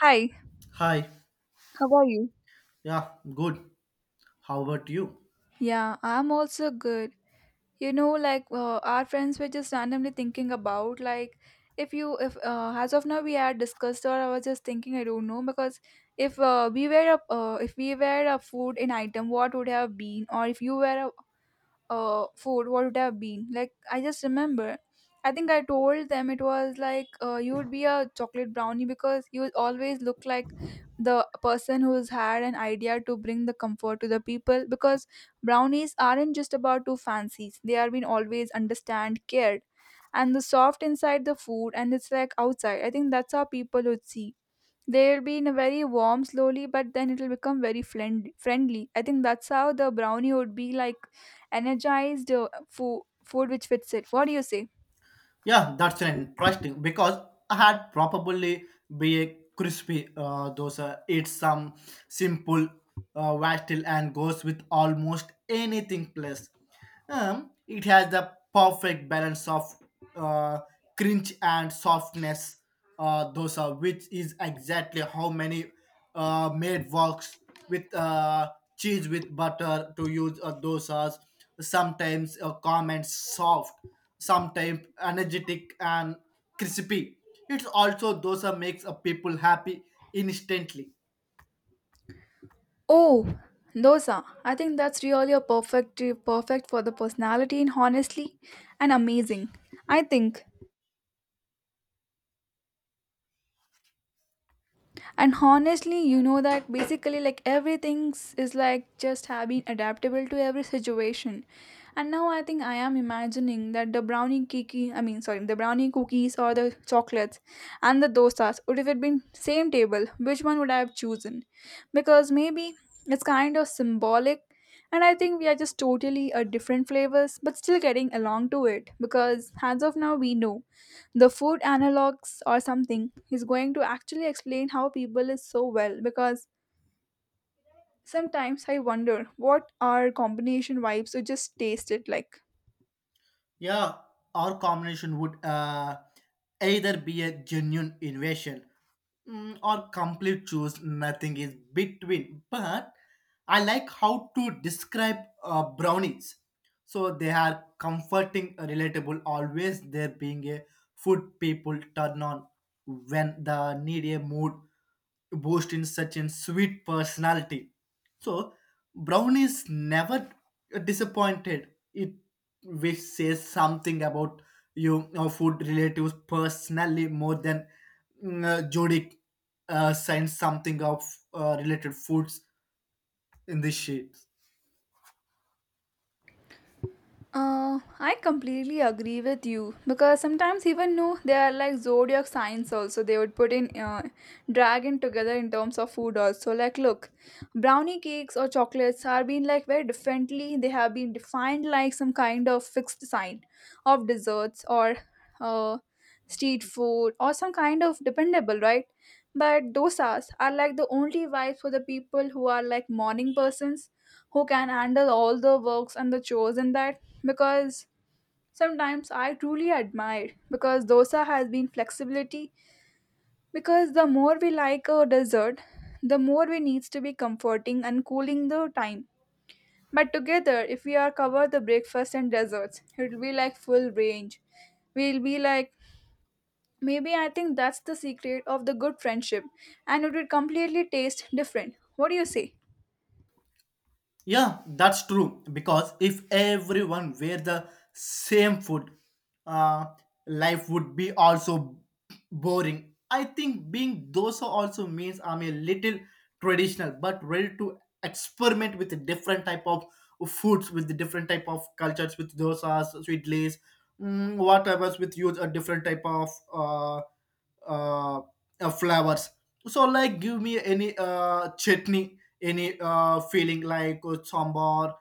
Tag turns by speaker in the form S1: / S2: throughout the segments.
S1: Hi,
S2: Hi.
S1: how are you?
S2: Yeah, good. How about you?
S1: Yeah, I'm also good. You know, like our friends were just randomly thinking about like if you if as of now we had discussed, or I was just thinking, I don't know, because if we were a if we were a food in item, what would have been? Or if you were a food, what would have been? Like, I just remember. I think I told them it was like you would be a chocolate brownie because you would always look like the person who's had an idea to bring the comfort to the people, because brownies aren't just about two fancies. They are being always understand, cared, and the soft inside the food and it's like outside. I think that's how people would see they'll be in a very warm slowly, but then it'll become very friendly. I think that's how the brownie would be like energized, food, which fits it. What do you say?
S2: Yeah, that's interesting because I had probably be a crispy dosa. It's some simple vegetable and goes with almost anything plus. It has the perfect balance of uh, crunch and softness dosa, which is exactly how many made works with cheese with butter to use dosas. Sometimes comments soft, sometimes energetic and crispy. It's also dosa makes a people happy instantly.
S1: Oh, dosa. I think that's really a perfect for the personality, and honestly and amazing. I think and honestly, you know that basically like everything is like just have been adaptable to every situation. And now I think I am imagining that the brownie cookie, I mean sorry, the brownie cookies or the chocolates and the dosas would have been same table, which one would I have chosen? Because maybe it's kind of symbolic, and I think we are just totally different flavors but still getting along to it, because as of now we know the food analogs or something is going to actually explain how people is so well, because sometimes I wonder what are combination vibes or just taste it like.
S2: Yeah, our combination would either be a genuine innovation, or complete choose. Nothing is between. But I like how to describe brownies. So they are comforting, relatable, always there being a food people turn on when the need a mood boost in such a sweet personality. So Brown is never disappointed. It which says something about food relatives personally more than Jodic signs something of related foods in this sheet.
S1: I completely agree with you because sometimes even though they are like zodiac signs also, they would put in dragon together in terms of food also, like look, brownie cakes or chocolates are being like very differently, they have been defined like some kind of fixed sign of desserts or uh, street food or some kind of dependable, right? But dosas are like the only vibes for the people who are like morning persons, who can handle all the works and the chores in that, because sometimes I truly admire because dosa has been flexibility, because the more we like a dessert, the more we needs to be comforting and cooling the time. But together if we are cover the breakfast and desserts it will be like full range. We'll be like, maybe I think that's the secret of the good friendship, and it will completely taste different. What do you say?
S2: Yeah, that's true. Because if everyone were the same food, uh, life would be also boring. I think being dosa also means I'm a little traditional, but ready to experiment with the different type of foods, with the different type of cultures, with dosas, sweetlays, whatever's with use a different type of uh, flowers. So, like, give me any chutney, any feeling like sambar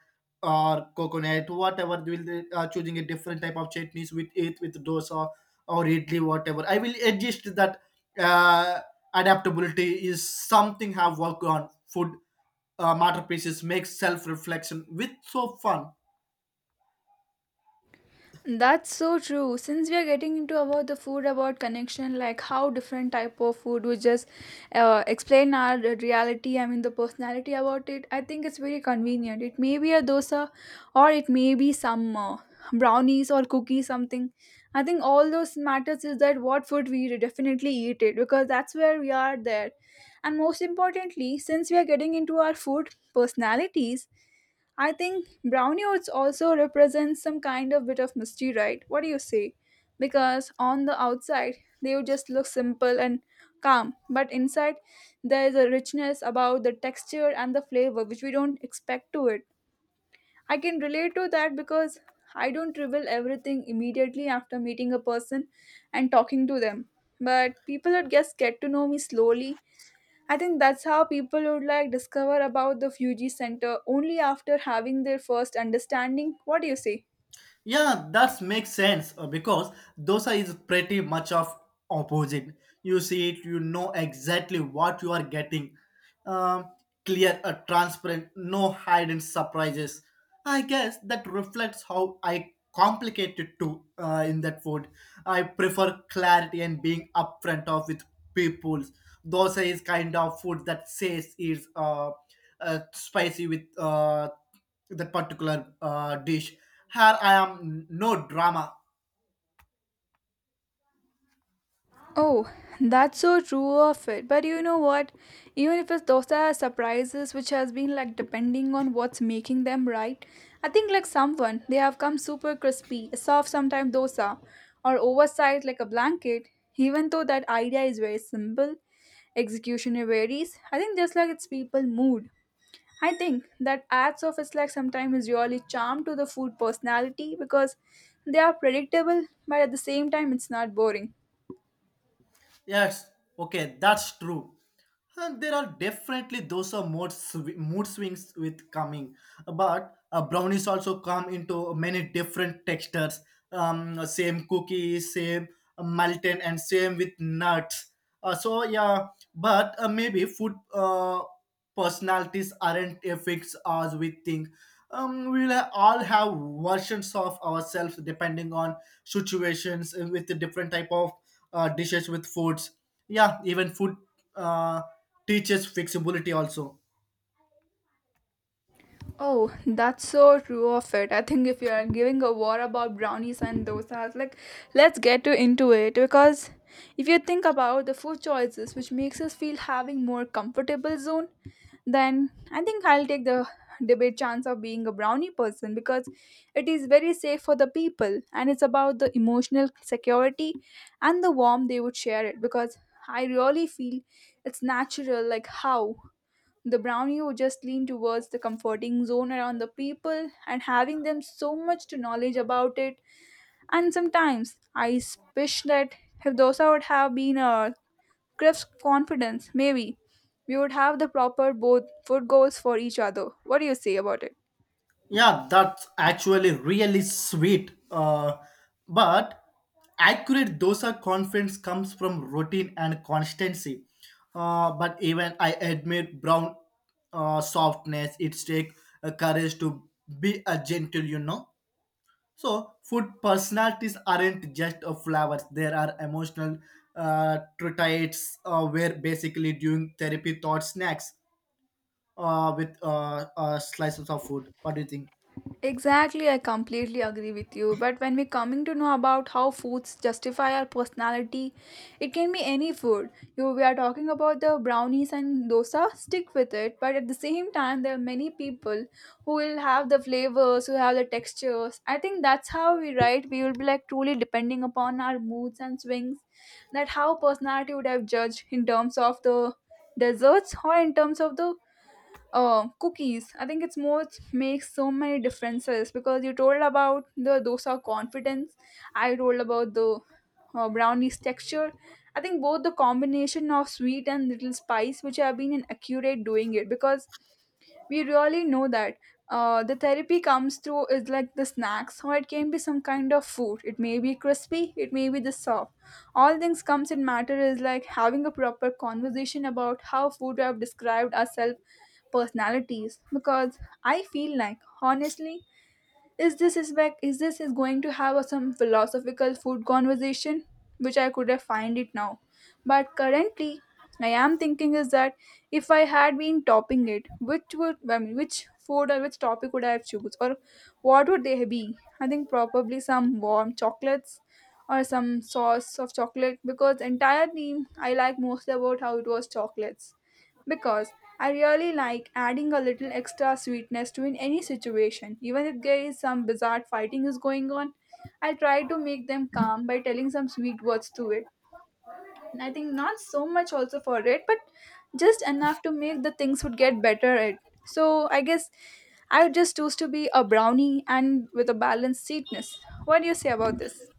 S2: or coconut, whatever will they, choosing a different type of chutneys with it with dosa or idli, whatever I will adjust that. uh, Adaptability is something have worked on food masterpieces makes self reflection with so fun.
S1: That's so true. Since we are getting into about the food about connection, like how different type of food we just explain our reality. I mean the personality about it. I think it's very convenient. It may be a dosa, or it may be some brownies or cookies something. I think all those matters is that what food we definitely eat it, because that's where we are there, and most importantly, since we are getting into our food personalities, I think brownie oats also represents some kind of bit of mystery, right? What do you say? Because on the outside, they would just look simple and calm, but inside there is a richness about the texture and the flavor which we don't expect to it. I can relate to that because I don't reveal everything immediately after meeting a person and talking to them. But people at guess get to know me slowly. I think that's how people would like discover about the Fuji Center only after having their first understanding. What do you say?
S2: Yeah, that makes sense because dosa is pretty much of opposite. You see it, you know exactly what you are getting. Um, Clear, transparent, no hidden surprises. I guess that reflects how I complicate it too in that food. I prefer clarity and being upfront of with people. Dosa is kind of food that says is spicy with that particular dish. Here I am, no drama.
S1: Oh, that's so true of it. But you know what? Even if it's those are surprises which has been like depending on what's making them right, I think like someone they have come super crispy, a soft sometimes dosa, or oversized like a blanket. Even though that idea is very simple, execution varies. I think just like it's people mood. I think that ads of it's like sometimes is really charm to the food personality, because they are predictable, but at the same time, it's not boring.
S2: Yes, okay, that's true. And there are definitely those are mood, mood swings with coming, but brownies also come into many different textures. Same cookie, same malted, and same with nuts. So yeah, but maybe food. Personalities aren't a fixed as we think. We'll all have versions of ourselves depending on situations with the different type of dishes with foods. Yeah, even food uh, teaches flexibility also.
S1: Oh, that's so true of it. I think if you are giving a war about brownies and dosas, like let's get to into it, because if you think about the food choices, which makes us feel having more comfortable zone, then I think I'll take the debate chance of being a brownie person, because it is very safe for the people and it's about the emotional security and the warmth they would share it, because I really feel it's natural like how the brownie would just lean towards the comforting zone around the people and having them so much to knowledge about it. And sometimes I wish that if dosa would have been a craves confidence, maybe we would have the proper both food goals for each other. What do you say about it?
S2: Yeah, that's actually really sweet. But accurate dosa confidence comes from routine and constancy. But even I admit brown softness. It's take a courage to be a gentle. So food personalities aren't just a flowers. There are emotional traits where basically doing therapy thought snacks with slices of food. What do you think?
S1: Exactly, I completely agree with you. But when we coming to know about how foods justify our personality, it can be any food. You we are talking about the brownies and dosa, stick with it. But at the same time, there are many people who will have the flavors, who have the textures. I think that's how we write. We will be like truly depending upon our moods and swings. That how personality would have judged in terms of the desserts or in terms of the cookies. I think it's more makes so many differences because you told about the dosa confidence. I told about the brownies texture. I think both the combination of sweet and little spice, which have been an accurate doing it, because we really know that the therapy comes through is like the snacks, or it can be some kind of food, it may be crispy, it may be the soft. All things comes in matter is like having a proper conversation about how food have described ourselves personalities, because I feel like honestly is this is back is this is going to have a, some philosophical food conversation which I could have find it now, but currently I am thinking is that if I had been topping it, which would, I mean which food or which topic would I have choose, or what would they be? I think probably some warm chocolates or some sauce of chocolate, because entirely I like mostly about how it was chocolates, because I really like adding a little extra sweetness to in any situation, even if there is some bizarre fighting is going on. I try to make them calm by telling some sweet words to it. And I think not so much also for it, but just enough to make the things would get better at. So I guess I would just choose to be a brownie and with a balanced sweetness. What do you say about this?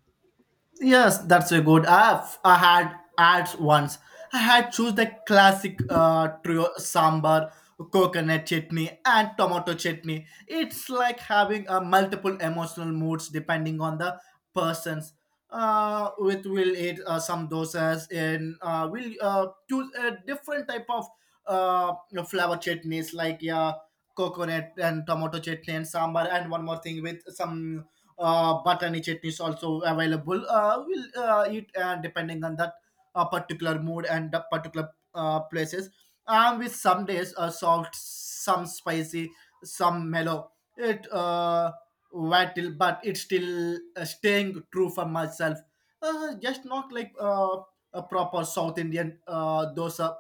S2: Yes, that's a good. I had ads once. I had choose the classic trio sambar, coconut chutney, and tomato chutney. It's like having multiple emotional moods depending on the persons. With will eat some dosas and will choose a different type of uh, flower chutneys like yeah, coconut and tomato chutney and sambar and one more thing with some button chutney is also available. We'll eat depending on that particular mood and the particular places. And with some days soft, some spicy, some mellow. It vital, but it's still staying true for myself. Just not like a proper South Indian dosa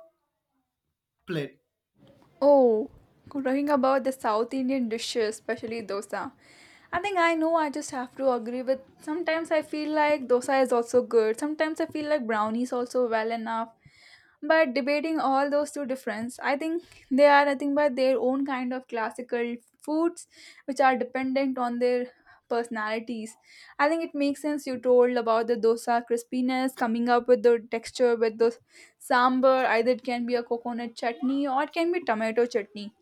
S2: plate.
S1: Oh, talking about the South Indian dishes, especially dosa. I think I know I just have to agree with, sometimes I feel like dosa is also good, sometimes I feel like brownies also well enough. But debating all those two difference, I think they are nothing but their own kind of classical foods, which are dependent on their personalities. I think it makes sense you told about the dosa crispiness coming up with the texture with the sambar. Either it can be a coconut chutney or it can be tomato chutney.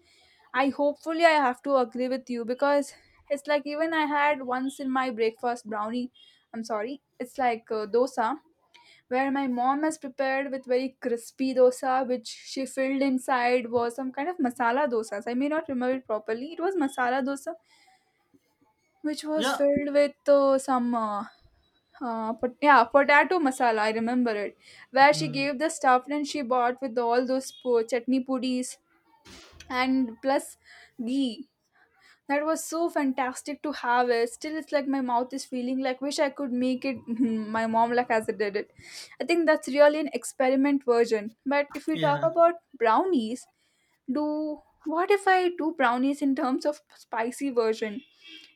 S1: I hopefully I have to agree with you, because it's like even I had once in my breakfast brownie. I'm sorry, it's like dosa, where my mom has prepared with very crispy dosa, which she filled inside was some kind of masala dosas. I may not remember it properly. It was masala dosa, which was
S2: Yeah.
S1: filled with some. Yeah, potato masala. I remember it. Where she
S2: Mm.
S1: gave the stuff and she bought with all those chutney pudis and plus ghee, that was so fantastic to have it. Still, it's like my mouth is feeling like wish I could make it my mom like as I did it. I think that's really an experiment version. But if we talk
S2: Yeah.
S1: about brownies, do what if I do brownies in terms of spicy version?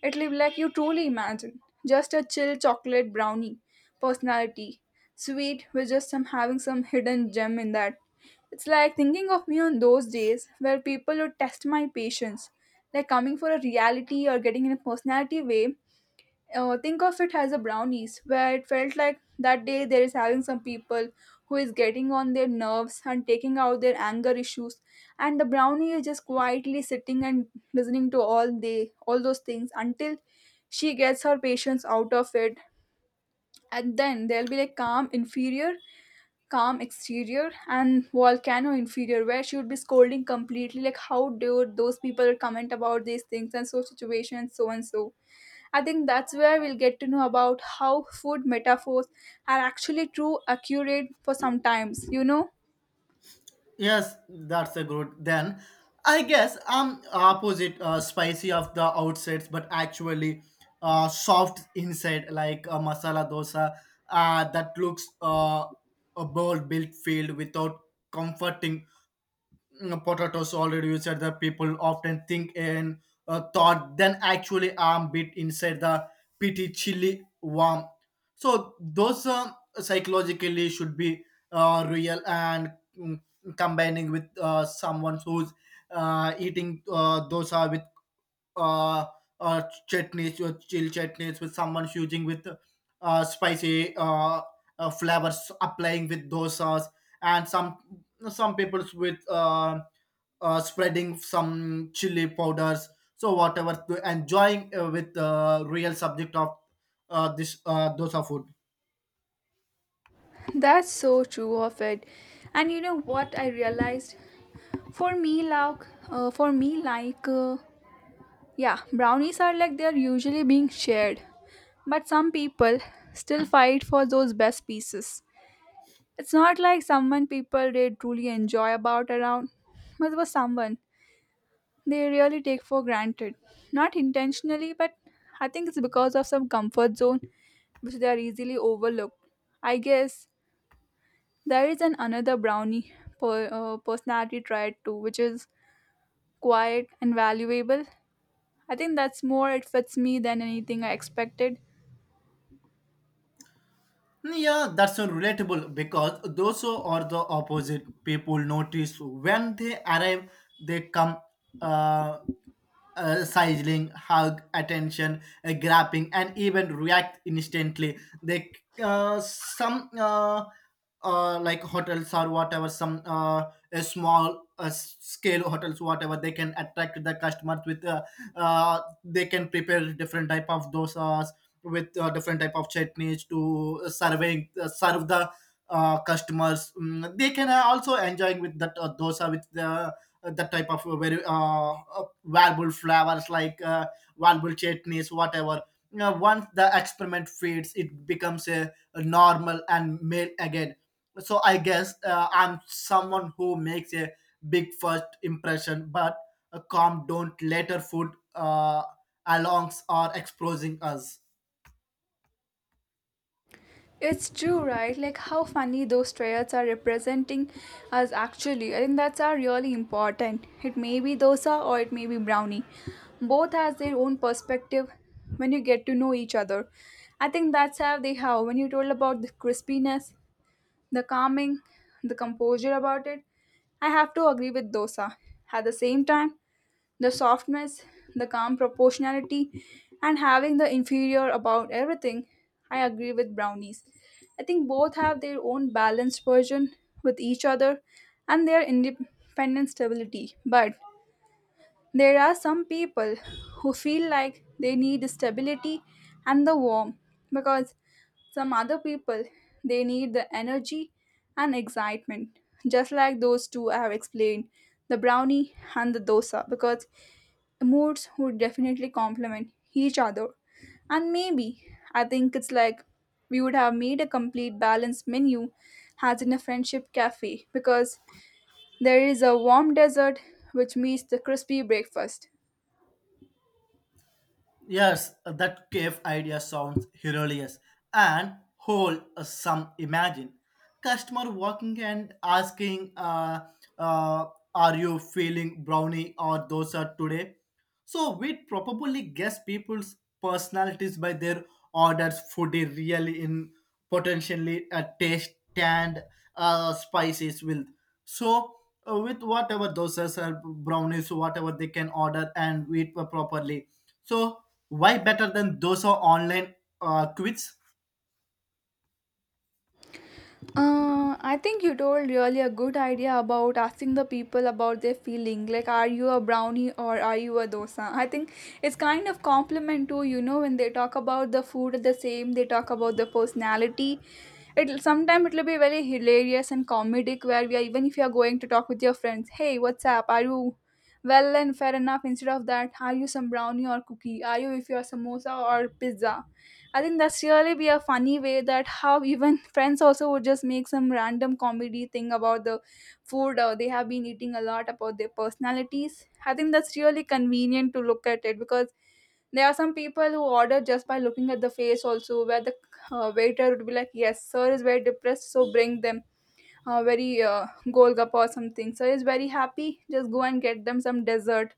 S1: It'll be like you truly imagine. Just a chill chocolate brownie personality. Sweet with just some having some hidden gem in that. It's like thinking of me on those days where people would test my patience, like coming for a reality or getting in a personality way. Think of it as a brownies, where it felt like that day there is having some people who is getting on their nerves and taking out their anger issues, and the brownie is just quietly sitting and listening to all those things until she gets her patience out of it, and then there'll be like calm inferior, calm exterior, and volcano inferior, where she would be scolding completely like how dare those people comment about these things and so situation and so and so. I think that's where we'll get to know about how food metaphors are actually true accurate for sometimes.
S2: Yes, that's a good. Then I guess I'm opposite spicy of the outsides, but actually soft inside, like a masala dosa that looks a bowl built filled without comforting, potatoes already you said that people often think, and thought than actually arm bit inside the pity chili warm, so those, psychologically should be real and mm, combining with someone who's eating dosa with uh, uh, chutneys or chill chutneys with someone using with spicy flavors applying with dosas, and some people's with spreading some chili powders, so whatever to enjoying with real subject of this dosa food.
S1: That's so true of it. And you know what I realized, for me, yeah, brownies are like they're usually being shared, but some people still fight for those best pieces. It's not like someone people they truly enjoy about around, but it was someone they really take for granted. Not intentionally, but I think it's because of some comfort zone which they are easily overlooked. I guess there is an another brownie personality trait too, which is quiet and valuable. I think that's more it fits me than anything I expected.
S2: Yeah, that's so relatable because those who are the opposite people notice when they arrive, they come uh, sizzling, hug, attention, grabbing, and even react instantly. They some. Like hotels or whatever some a small scale hotels, whatever they can attract the customers with they can prepare different type of dosas with different type of chutneys to serving serve the customers. Mm, they can also enjoying with that dosa with the that type of very valuable flavors like valuable chutneys, whatever. You know, once the experiment feeds, it becomes a normal and male again. So I guess I'm someone who makes a big first impression, but a calm don't later food alarms are exposing us.
S1: It's true, right? Like how funny those traits are representing us actually. I think that's are really important. It may be dosa or it may be brownie. Both has their own perspective when you get to know each other. I think that's how they have. When you told about the crispiness, the calming, the composure about it, I have to agree with dosa. At the same time, the softness, the calm proportionality, and having the inferior about everything. I agree with brownies. I think both have their own balanced version with each other and their independent stability. But there are some people who feel like they need stability and the warmth, because some other people they need the energy and excitement, just like those two I have explained, the brownie and the dosa, because moods would definitely complement each other. And maybe I think it's like we would have made a complete balanced menu as in a friendship cafe, because there is a warm dessert which meets the crispy breakfast.
S2: Yes, that cave idea sounds hilarious and whole some imagine. Customer walking and asking, uh, are you feeling brownie or dosa today? So we'd probably guess people's personalities by their orders, food they really in potentially a taste and spices will. So with whatever dosas or brownies, whatever they can order and eat properly, so why better than those are online quiz?
S1: I think you told really a good idea about asking the people about their feeling. Like, are you a brownie or are you a dosa? I think it's kind of compliment to you know when they talk about the food the same, they talk about the personality. It'll sometimes it'll be very hilarious and comedic, where we are even if you are going to talk with your friends, hey, what's up? Are you well and fair enough? Instead of that, are you some brownie or cookie? Are you if you are samosa or pizza? I think that's really be a funny way that how even friends also would just make some random comedy thing about the food they have been eating a lot about their personalities. I think that's really convenient to look at it, because there are some people who order just by looking at the face also, where the waiter would be like, yes, sir is very depressed, so bring them very golgappa or something. Sir is very happy, just go and get them some dessert.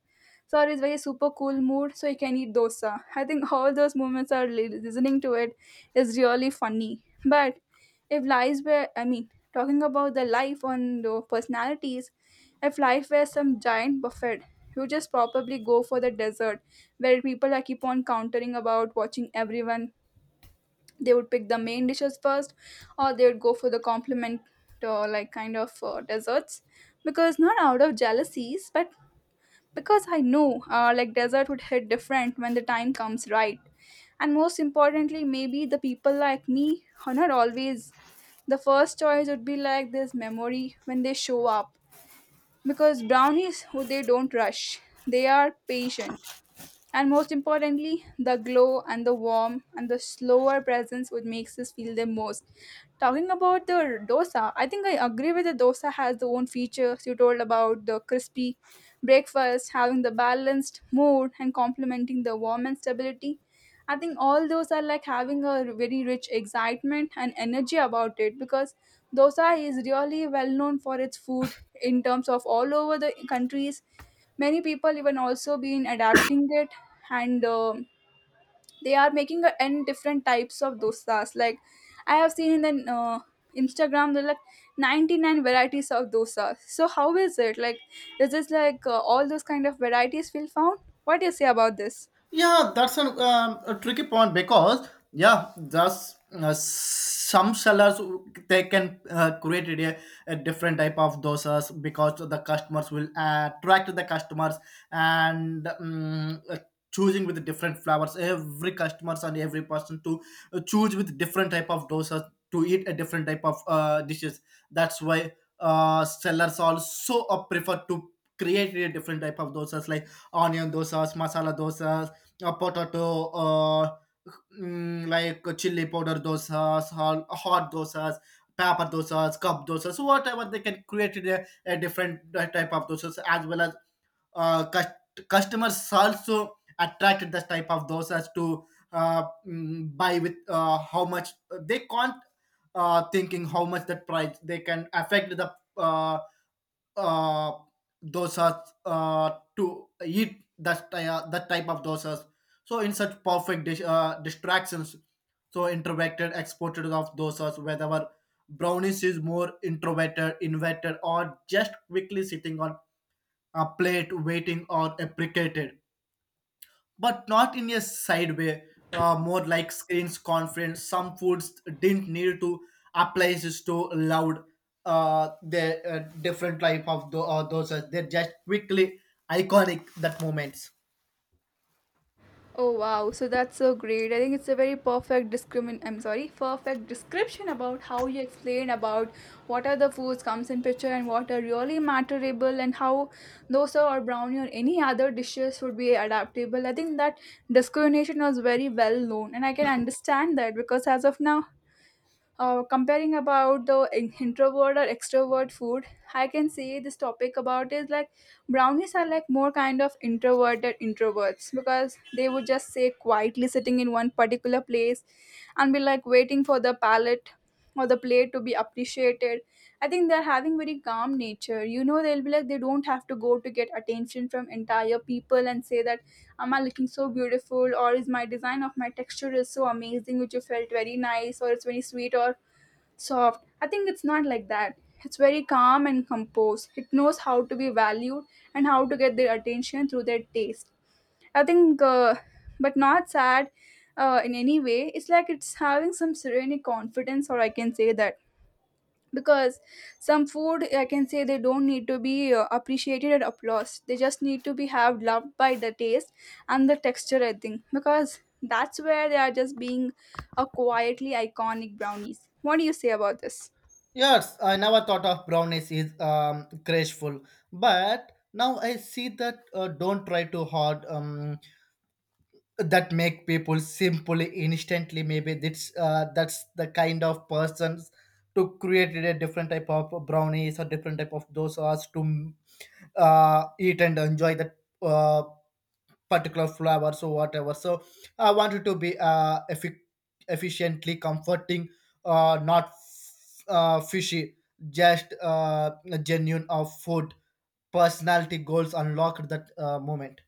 S1: So it's very super cool mood, so you can eat dosa. I think all those moments are listening to it is really funny. But if lives were, I mean, talking about the life on the personalities, if life were some giant buffet, you just probably go for the dessert, where people are keep on countering about watching everyone, they would pick the main dishes first, or they would go for the compliment, or like kind of desserts, because not out of jealousies, but because I know like desert would hit different when the time comes, right. And most importantly, maybe the people like me are not always the first choice would be like this memory when they show up, because brownies who they don't rush, they are patient, and most importantly, the glow and the warmth and the slower presence which makes us feel the most. Talking about the dosa, I think I agree with the dosa has the own features you told about the crispy breakfast, having the balanced mood and complementing the warm and stability. I think all those are like having a very rich excitement and energy about it, because dosa is really well known for its food in terms of all over the countries. Many people even also been adapting it, and they are making a n different types of dosas. Like, I have seen in the Instagram there are like 99 varieties of dosa. So how is it like, is this like all those kind of varieties will found? What do you say about this?
S2: Yeah, that's a tricky point because yeah, thus some sellers they can create a different type of dosas because the customers will attract the customers, and choosing with different flowers. Every customers and every person to choose with different type of dosas to eat a different type of dishes. That's why sellers also prefer to create a different type of dosas like onion dosas, masala dosas, potato, like chili powder dosas, hot, hot dosas, pepper dosas, cup dosas, whatever they can create a different type of dosas, as well as uh, cus- customers also attracted this type of dosas to buy with how much they can't thinking how much that price they can affect the uh, dosas to eat that that type of dosas, so in such perfect distractions, so introverted exported of those us whether brownies is more introverted, inverted, or just quickly sitting on a plate waiting or applicated, but not in a side way. More like screens conference. Some foods didn't need to appliances to loud. The different type of those. They're just quickly iconic that moments.
S1: Oh wow, so that's so great. I think it's a very perfect discrimin I'm sorry, perfect description about how you explain about what are the foods comes in picture and what are really matterable and how dosa or brownie or any other dishes would be adaptable. I think that discrimination was very well known and I can understand that, because as of now comparing about the introvert or extrovert food, I can say this topic about is like brownies are like more kind of introverted introverts, because they would just say quietly sitting in one particular place and be like waiting for the palate or the plate to be appreciated. I think they're having very calm nature, you know, they'll be like they don't have to go to get attention from entire people and say that am I looking so beautiful, or is my design of my texture is so amazing which you felt very nice, or it's very sweet or soft. I think it's not like that. It's very calm and composed. It knows how to be valued and how to get their attention through their taste. I think, uh, but not sad in any way. It's like it's having some serene confidence, or I can say that. Because some food, I can say they don't need to be appreciated and applause. They just need to be have loved by the taste and the texture, I think. Because that's where they are just being a quietly iconic brownies. What do you say about this?
S2: Yes, I never thought of brownies is graceful, but now I see that don't try too hard. That make people simply instantly, maybe that's the kind of persons to create a different type of brownies or different type of dosas to eat and enjoy that uh, particular flavors or whatever. So I want it to be efficiently comforting, not fishy, just genuine of food personality goals unlocked that moment.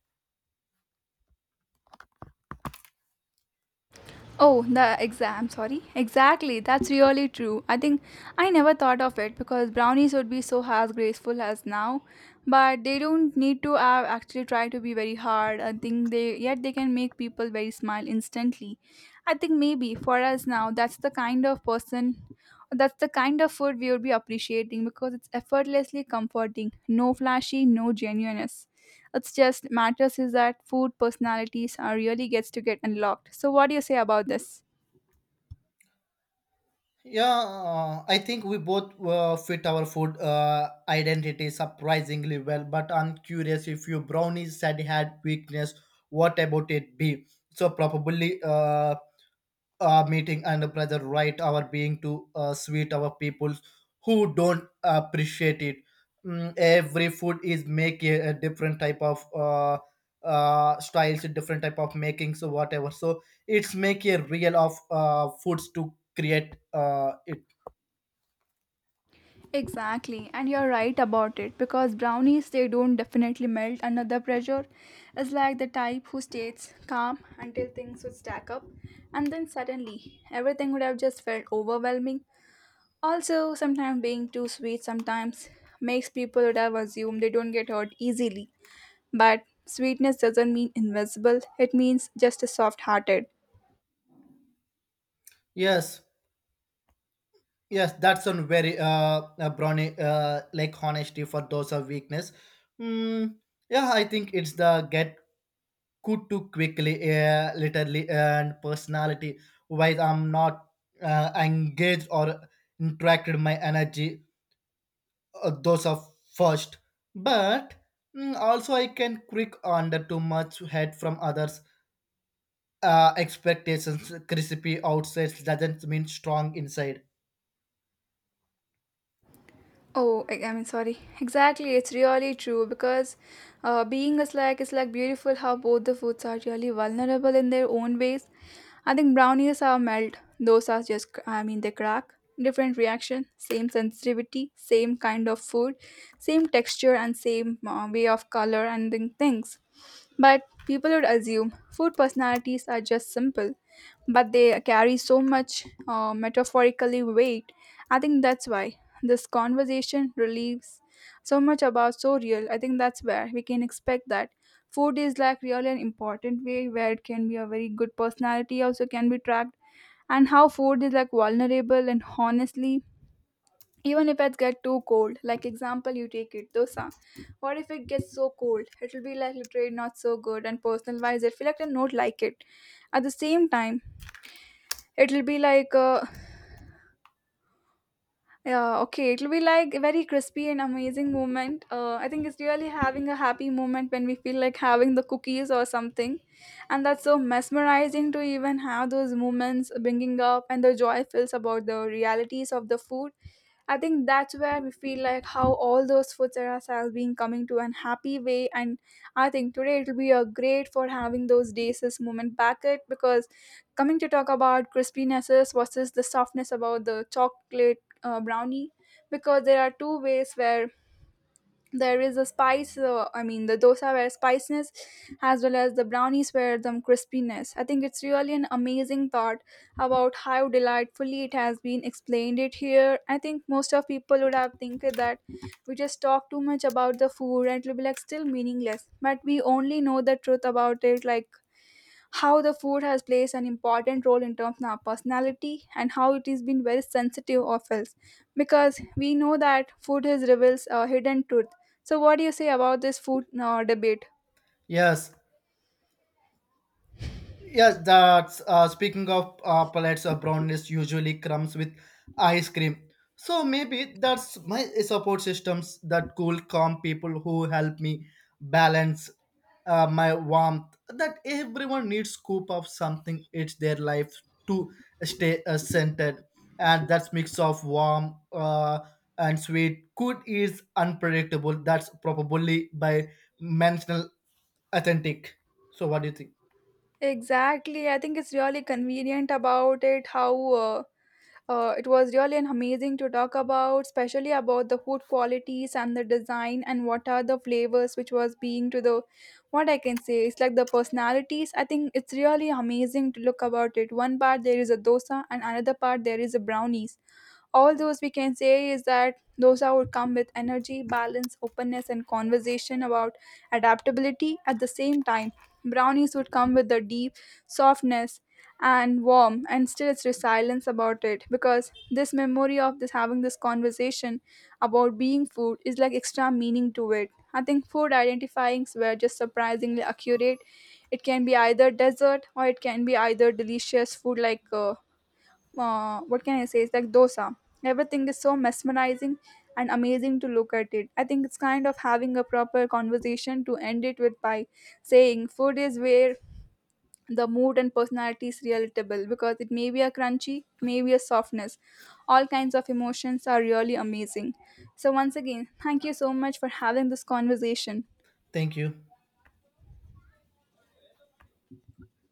S1: Oh, the exam, sorry. Exactly, that's really true. I think I never thought of it, because brownies would be so as graceful as now, but they don't need to have actually try to be very hard. I think they yet they can make people very smile instantly. I think maybe for us now that's the kind of person, that's the kind of food we would be appreciating, because it's effortlessly comforting, no flashy, no genuineness. It's just matters is that food personalities are really gets to get unlocked. So what do you say about this?
S2: Yeah, I think we both fit our food identity surprisingly well. But I'm curious, if your brownies said had weakness, what about it be? So probably our meeting and brother right our being to sweet our people who don't appreciate it. Every food is make a different type of styles, a different type of makings or whatever. So it's make a real of foods to create it.
S1: Exactly, and you're right about it, because brownies they don't definitely melt under the pressure. It's like the type who stays calm until things would stack up, and then suddenly everything would have just felt overwhelming. Also, sometimes being too sweet sometimes makes people would have assumed they don't get hurt easily. But sweetness doesn't mean invisible, it means just a soft hearted.
S2: Yes, yes, that's a very brownie like honesty for those of weakness. Mm, yeah, I think it's the get good too quickly, literally, and personality. While I'm not engaged or interacted my energy, those are first. But also I can quick under too much head from others. Expectations crispy outside doesn't mean strong inside.
S1: Oh, I mean, sorry. Exactly, it's really true because being a slack is like beautiful how both the foods are really vulnerable in their own ways. I think brownies are melt; those are just, I mean, they crack. Different reaction, same sensitivity, same kind of food, same texture, and same way of color and then things. But people would assume food personalities are just simple, but they carry so much metaphorically weight. I think that's why this conversation relieves so much about so real. I think that's where we can expect that food is like really an important way, where it can be a very good personality also can be tracked, and how food is like vulnerable and honestly even if it get too cold. Like example you take it dosa, what if it gets so cold, it will be like literally not so good and personal wise I feel like I not like it. At the same time, it will be like yeah, okay, it will be like a very crispy and amazing moment. I think it's really having a happy moment when we feel like having the cookies or something, and that's so mesmerizing to even have those moments bringing up and the joy feels about the realities of the food. I think that's where we feel like how all those foods are has been coming to an happy way, and I think today it'll be a great for having those days this moment back it, because coming to talk about crispinesses versus the softness about the chocolate brownie, because there are two ways, where there is a spice I mean the dosa where spiciness, as well as the brownies where the crispiness. I think it's really an amazing thought about how delightfully it has been explained it here. I think most of people would have think that we just talk too much about the food, and it will be like still meaningless, but we only know the truth about it, like how the food has plays an important role in terms of our personality, and how it has been very sensitive of health, because we know that food is reveals a hidden truth. So what do you say about this food debate?
S2: Yes, yes, that's speaking of palettes of brownness usually comes with ice cream. So maybe that's my support systems, that cool, calm people who help me balance my warmth. That everyone needs scoop of something. It's their life to stay centered, and that's mix of warm and sweet. Good is unpredictable. That's probably by mental authentic. So what do you think?
S1: Exactly, I think it's really convenient about it how it was really an amazing to talk about, especially about the food qualities and the design and what are the flavors which was being to the what I can say. It's like the personalities. I think it's really amazing to look about it. One part there is a dosa and another part there is a brownies, all those we can say is that those would come with energy, balance, openness, and conversation about adaptability. At the same time, brownies would come with the deep softness and warm and still it's resilience about it, because this memory of this having this conversation about being food is like extra meaning to it. I think food identifyings were just surprisingly accurate. It can be either dessert or it can be either delicious food, like what can I say? It's like dosa. Everything is so mesmerizing and amazing to look at it. I think it's kind of having a proper conversation to end it with by saying food is where the mood and personality is relatable, because it may be a crunchy, it may be a softness. All kinds of emotions are really amazing. So, once again, thank you so much for having this conversation.
S2: Thank you.